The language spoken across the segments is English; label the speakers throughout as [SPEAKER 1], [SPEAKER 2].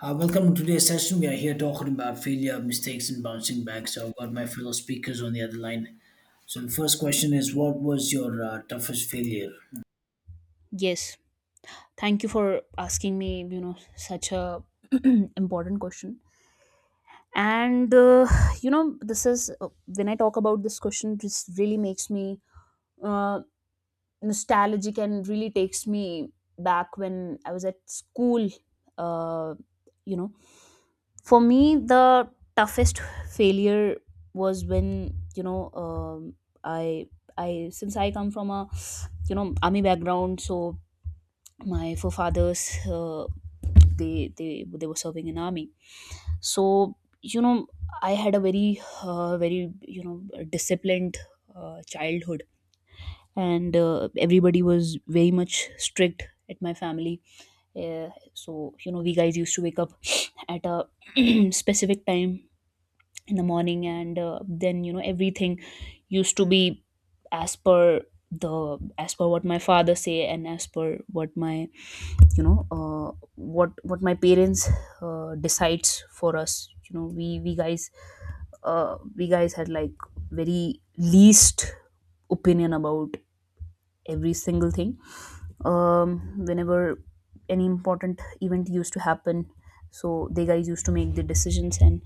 [SPEAKER 1] Welcome to today's session. We are here talking about failure, mistakes, and bouncing back. So I've got my fellow speakers on the other line. So the first question is, what was your toughest failure?
[SPEAKER 2] Yes. Thank you for asking me, such a important question. And this is when I talk about this question, this really makes me uh, nostalgic and really takes me back when I was at school. Uh, you know, for me, the toughest failure was when I I, since I come from a army background, so my forefathers, they were serving in army. So you know I had a very very disciplined childhood, and everybody was very much strict at my family. So we guys used to wake up at a specific time in the morning, and then everything used to be as per the as per what my father say, and as per what my you know uh, what my parents decides for us. You know we we guys uh, we guys had like very least opinion about every single thing. Um, whenever any important event used to happen, so they guys used to make the decisions, and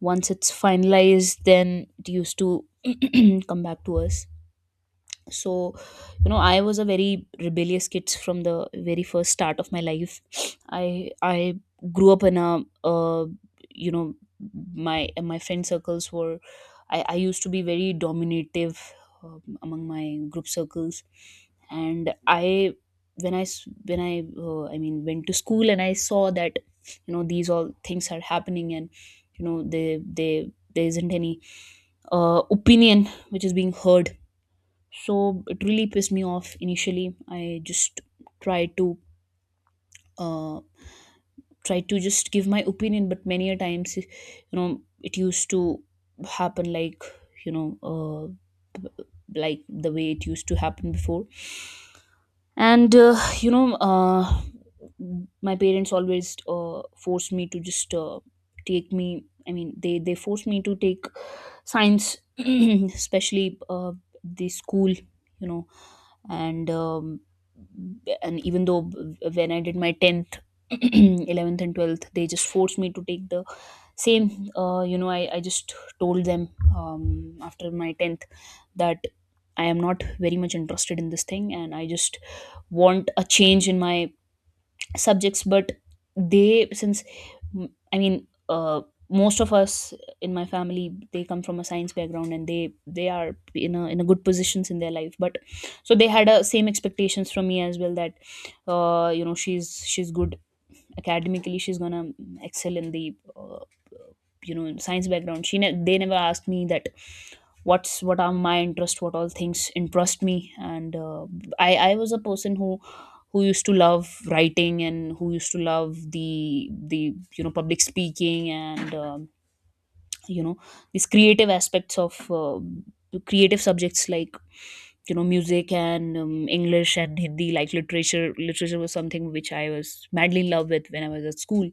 [SPEAKER 2] once it's finalized then it used to come back to us. So I was a very rebellious kid from the very first start of my life. I grew up in a, uh, you know my friend circles were, I used to be very dominative among my group circles. And I, when I s- when I mean went to school and I saw that these all things are happening, and they there isn't any opinion which is being heard. So it really pissed me off. Initially I just tried to, uh, try to just give my opinion, but many a times it used to happen, like you know uh, like the way it used to happen before. And my parents always forced me to just take me I mean, they forced me to take science. Especially the school, and even though when I did my 10th, 11th, and 12th, they just forced me to take the same. I just told them, after my 10th, that I am not very much interested in this thing, and I just want a change in my subjects. But they, since I mean, most of us in my family, they come from a science background, and they are in a good positions in their life. But so they had a same expectations from me as well, that she's good academically, she's gonna excel in the in science background. They never asked me that, what are my interest, what all things interest me. And I was a person who used to love writing, and who used to love the you know public speaking, and you know these creative aspects of creative subjects like music, and English and Hindi, like literature. Literature was something which I was madly in love with when I was at school,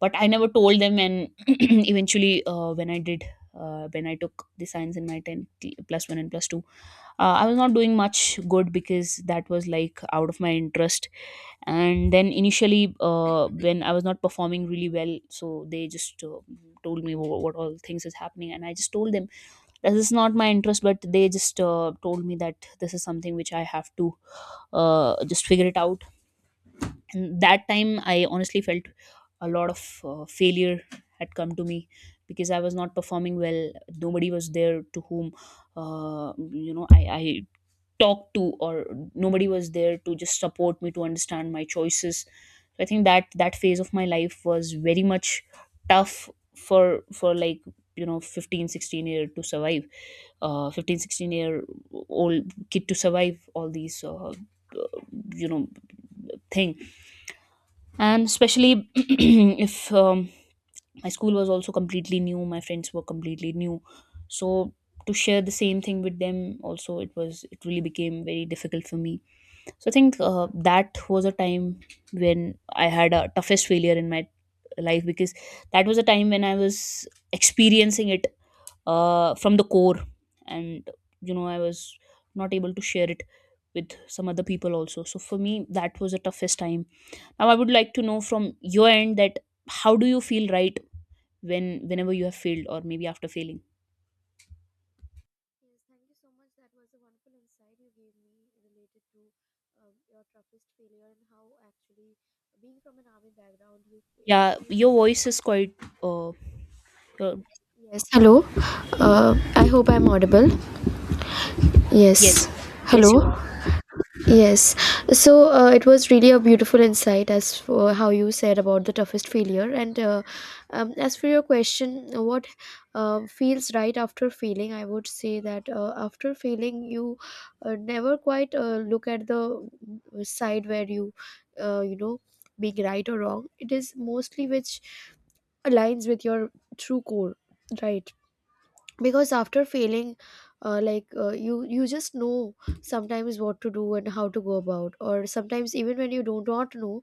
[SPEAKER 2] but I never told them. And eventually when I took the science in my 10 plus 1 and plus 2, I was not doing much good, because that was like out of my interest. And then initially when I was not performing really well, so they just told me what, all things is happening, and I just told them, this is not my interest. But they just told me that this is something which I have to just figure it out. And that time I honestly felt a lot of failure had come to me, because I was not performing well. Nobody was there to whom I talk to, or nobody was there to just support me, to understand my choices. So I think that phase of my life was very much tough for like 15, 16 year to survive, 15, 16 year old kid to survive all these uh, you know thing. And especially, if um, my school was also completely new, my friends were completely new. So to share the same thing with them also, it really became very difficult for me. So I think that was a time when I had a toughest failure in my life, because that was a time when I was experiencing it from the core, and I was not able to share it with some other people also. So for me, that was the toughest time. Now I would like to know from your end that, how do you feel right whenever you have failed, or maybe after failing?
[SPEAKER 3] Yes, thank you so much. That was a wonderful insight you gave me related to your toughest failure and how actually being from an army background you
[SPEAKER 2] Yeah,
[SPEAKER 3] faced
[SPEAKER 2] your
[SPEAKER 3] so.
[SPEAKER 2] voice is quite. Uh, uh,
[SPEAKER 3] Yes, hello. I hope I'm audible.
[SPEAKER 2] yes,
[SPEAKER 3] Yes,
[SPEAKER 2] yes, you
[SPEAKER 3] hello.
[SPEAKER 2] are.
[SPEAKER 3] Yes, so it was really a beautiful insight as for how you said about the toughest failure. And As for your question, what feels right after failing, I would say that after failing, you never quite look at the side where uh, you know, being right or wrong. It is mostly which aligns with your true core, right? Because after failing you just know sometimes what to do and how to go about, or sometimes even when you do not know,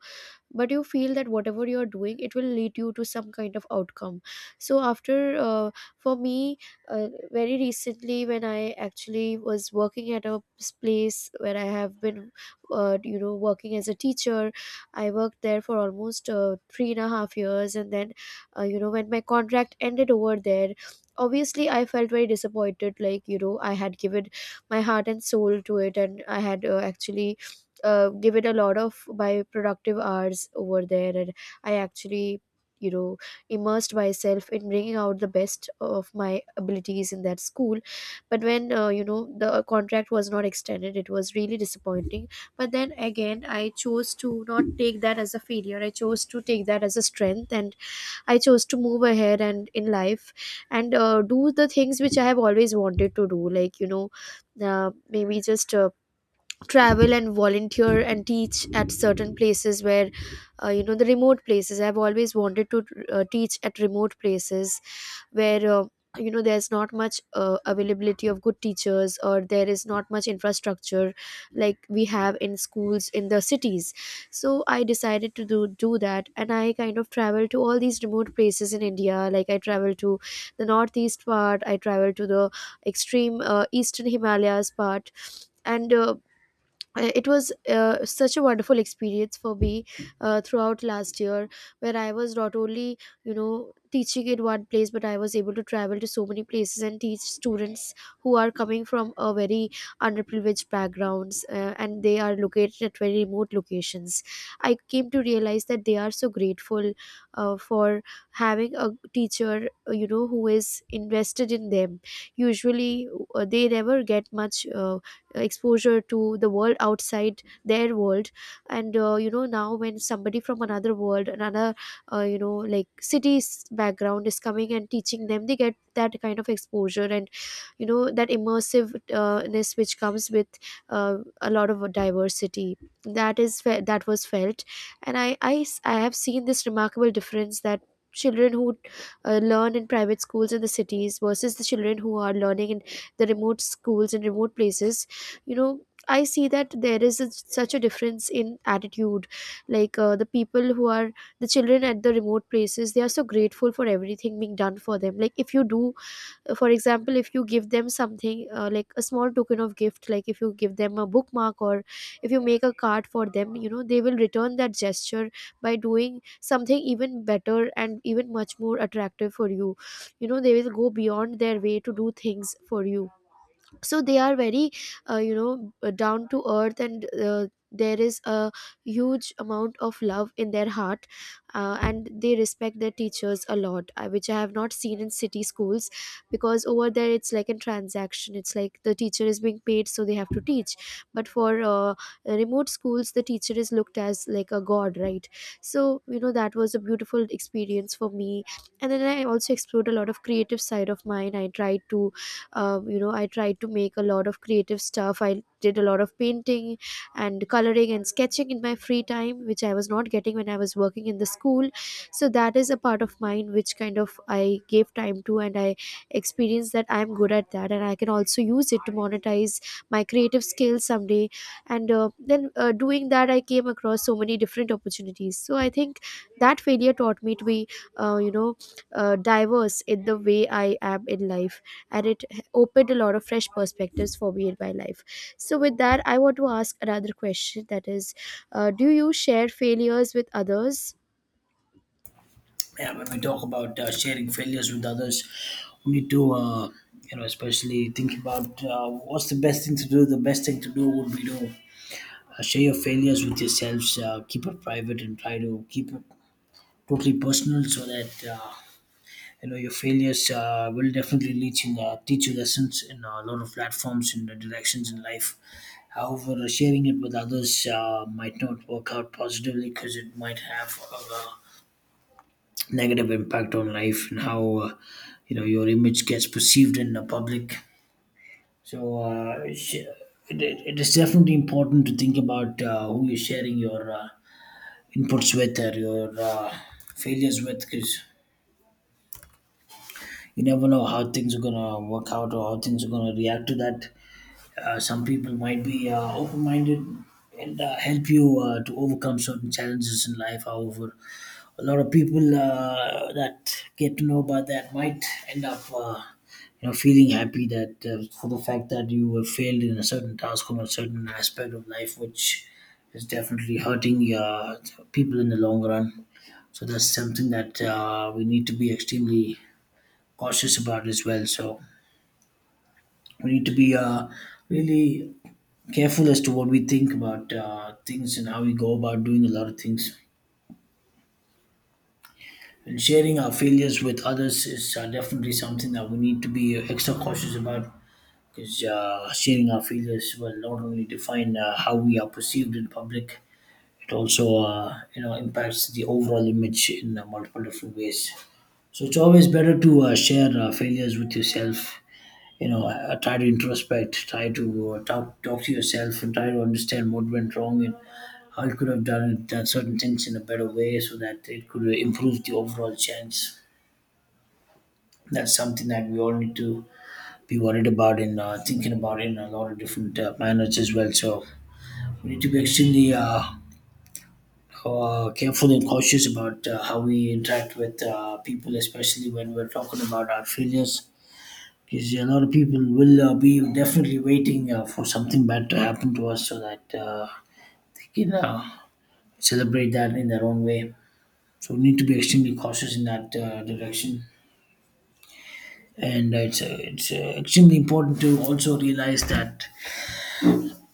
[SPEAKER 3] but you feel that whatever you're doing it will lead you to some kind of outcome. So after for me, very recently when I actually was working at place where I have been, working as a teacher. I worked there for almost 3.5 years, and then when my contract ended over there, obviously I felt very disappointed. Like, you know, I had given my heart and soul to it, and I had actually give it a lot of my productive hours over there. And I actually, you know, immersed myself in bringing out the best of my abilities in that school. But when, you know, the contract was not extended, it was really disappointing. But then again, I chose to not take that as a failure. I chose to take that as a strength, and I chose to move ahead and in life. And do the things which I have always wanted to do, like, you know, maybe just travel and volunteer and teach at certain places where, you know, the remote places. I've always wanted to teach at remote places where, you know, there's not much availability of good teachers, or there is not much infrastructure like we have in schools in the cities. So I decided to do that, and I kind of travel to all these remote places in India. Like I travel to the northeast part, I travel to the extreme eastern Himalayas part. And it was such a wonderful experience for me throughout last year, where I was not only, you know, teaching in one place, but I was able to travel to so many places and teach students who are coming from a very underprivileged backgrounds. And they are located at very remote locations. I came to realize that they are so grateful for having a teacher, you know, who is invested in them. Usually they never get much exposure to the world outside their world. And, you know, now when somebody from another world, another, you know, like city's background, is coming and teaching them, they get that kind of exposure. And, you know, that immersive ness which comes with a lot of diversity, that that was felt. And I have seen this remarkable difference, that children who learn in private schools in the cities versus the children who are learning in the remote schools and remote places, you know, I see that there is such a difference in attitude. Like, the people who are, the children at the remote places, they are so grateful for everything being done for them. Like, if you do, for example, if you give them something, like a small token of gift, like if you give them a bookmark or if you make a card for them, you know, they will return that gesture by doing something even better and even much more attractive for you. You know, they will go beyond their way to do things for you. So they are very down to earth. And there is a huge amount of love in their heart. And they respect their teachers a lot, which I have not seen in city schools. Because over there it's like a transaction, it's like the teacher is being paid so they have to teach. But for, remote schools, the teacher is looked as like a god, right? So, you know, that was a beautiful experience for me. And then I also explored a lot of creative side of mine. I tried to, I tried to make a lot of creative stuff. I did a lot of painting and coloring and sketching in my free time, which I was not getting when I was working in the school. So that is a part of mine which kind of I gave time to, and I experienced that I'm good at that and I can also use it to monetize my creative skills someday. And then doing that, I came across so many different opportunities. So I think that failure taught me to be, uh, you know diverse in the way I am in life. And it opened a lot of fresh perspectives for me in my life. So with that I want to ask another question, that is, do you share failures with others?
[SPEAKER 1] Yeah, when we talk about sharing failures with others, we need to, you know, especially think about what's the best thing to do. The best thing to do would be to share your failures with yourselves, keep it private, and try to keep it totally personal so that. Uh, you know your failures will definitely teach you lessons in a lot of platforms and directions in life. However, sharing it with others might not work out positively, because it might have a negative impact on life and how you know your image gets perceived in the public. So it is definitely important to think about who you're sharing your inputs with, or your uh, failures with, because you never know how things are gonna work out or how things are gonna react to that. Some people might be open-minded and help you to overcome certain challenges in life. However, a lot of people that get to know about that might end up. You know, feeling happy that for the fact that you were failed in a certain task or a certain aspect of life, which is definitely hurting people in the long run. So that's something that we need to be extremely cautious about as well. So we need to be really careful as to what we think about things and how we go about doing a lot of things. And sharing our failures with others is definitely something that we need to be extra cautious about, because sharing our failures will not only define how we are perceived in public, it also you know impacts the overall image in multiple different ways. So it's always better to share failures with yourself, you know, try to introspect, try to talk to yourself and try to understand what went wrong and how you could have done certain things in a better way so that it could improve the overall chance. That's something that we all need to be worried about and thinking about in a lot of different manners as well. So we need to be extremely careful and cautious about how we interact with people, especially when we're talking about our failures, because a lot of people will be definitely waiting for something bad to happen to us, so that they can celebrate that in their own way. So we need to be extremely cautious in that direction. And it's extremely important to also realize that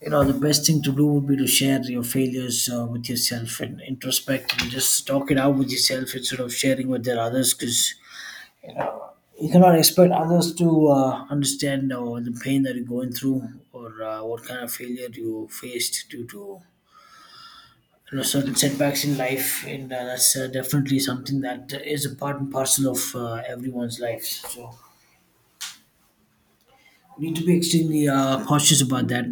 [SPEAKER 1] you know the best thing to do would be to share your failures with yourself and introspect and just talk it out with yourself instead of sharing with their others, because you cannot expect others to understand or the pain that you're going through or what kind of failure you faced due to you know certain setbacks in life. And that's definitely something that is a part and parcel of everyone's lives. So we need to be extremely cautious about that.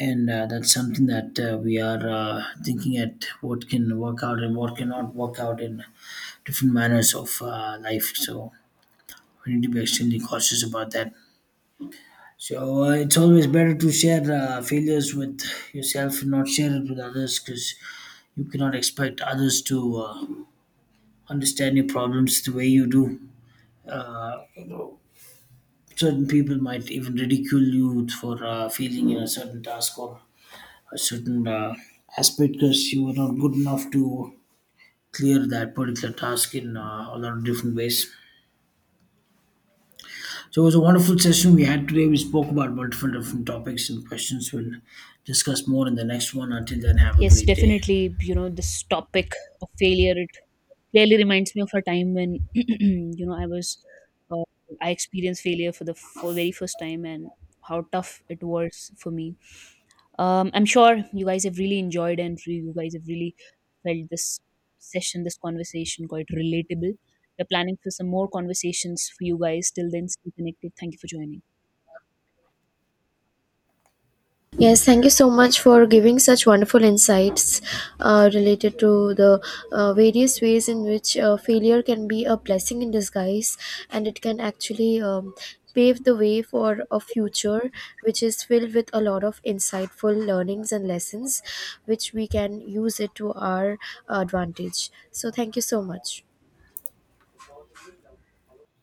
[SPEAKER 1] And that's something that we are thinking at what can work out and what cannot work out in different manners of life. So we need to be extremely cautious about that. So it's always better to share failures with yourself and not share it with others, because you cannot expect others to understand your problems the way you do. You know, certain people might even ridicule you for failing in a certain task or a certain aspect, because you were not good enough to clear that particular task in a lot of different ways. So it was a wonderful session we had today. We spoke about multiple different topics and questions. We'll discuss more in the next one. Until then, have a
[SPEAKER 2] Yes,
[SPEAKER 1] great day.
[SPEAKER 2] definitely. This topic of failure, it clearly reminds me of a time when, uh, I experienced failure for the for very first time, and how tough it was for me. I'm sure you guys have really enjoyed and you guys have really felt this session, this conversation quite relatable. We're planning for some more conversations for you guys. Till then, stay connected. Thank you for joining.
[SPEAKER 3] Yes, thank you so much for giving such wonderful insights related to the various ways in which failure can be a blessing in disguise, and it can actually pave the way for a future which is filled with a lot of insightful learnings and lessons, which we can use it to our advantage. So, thank you so much.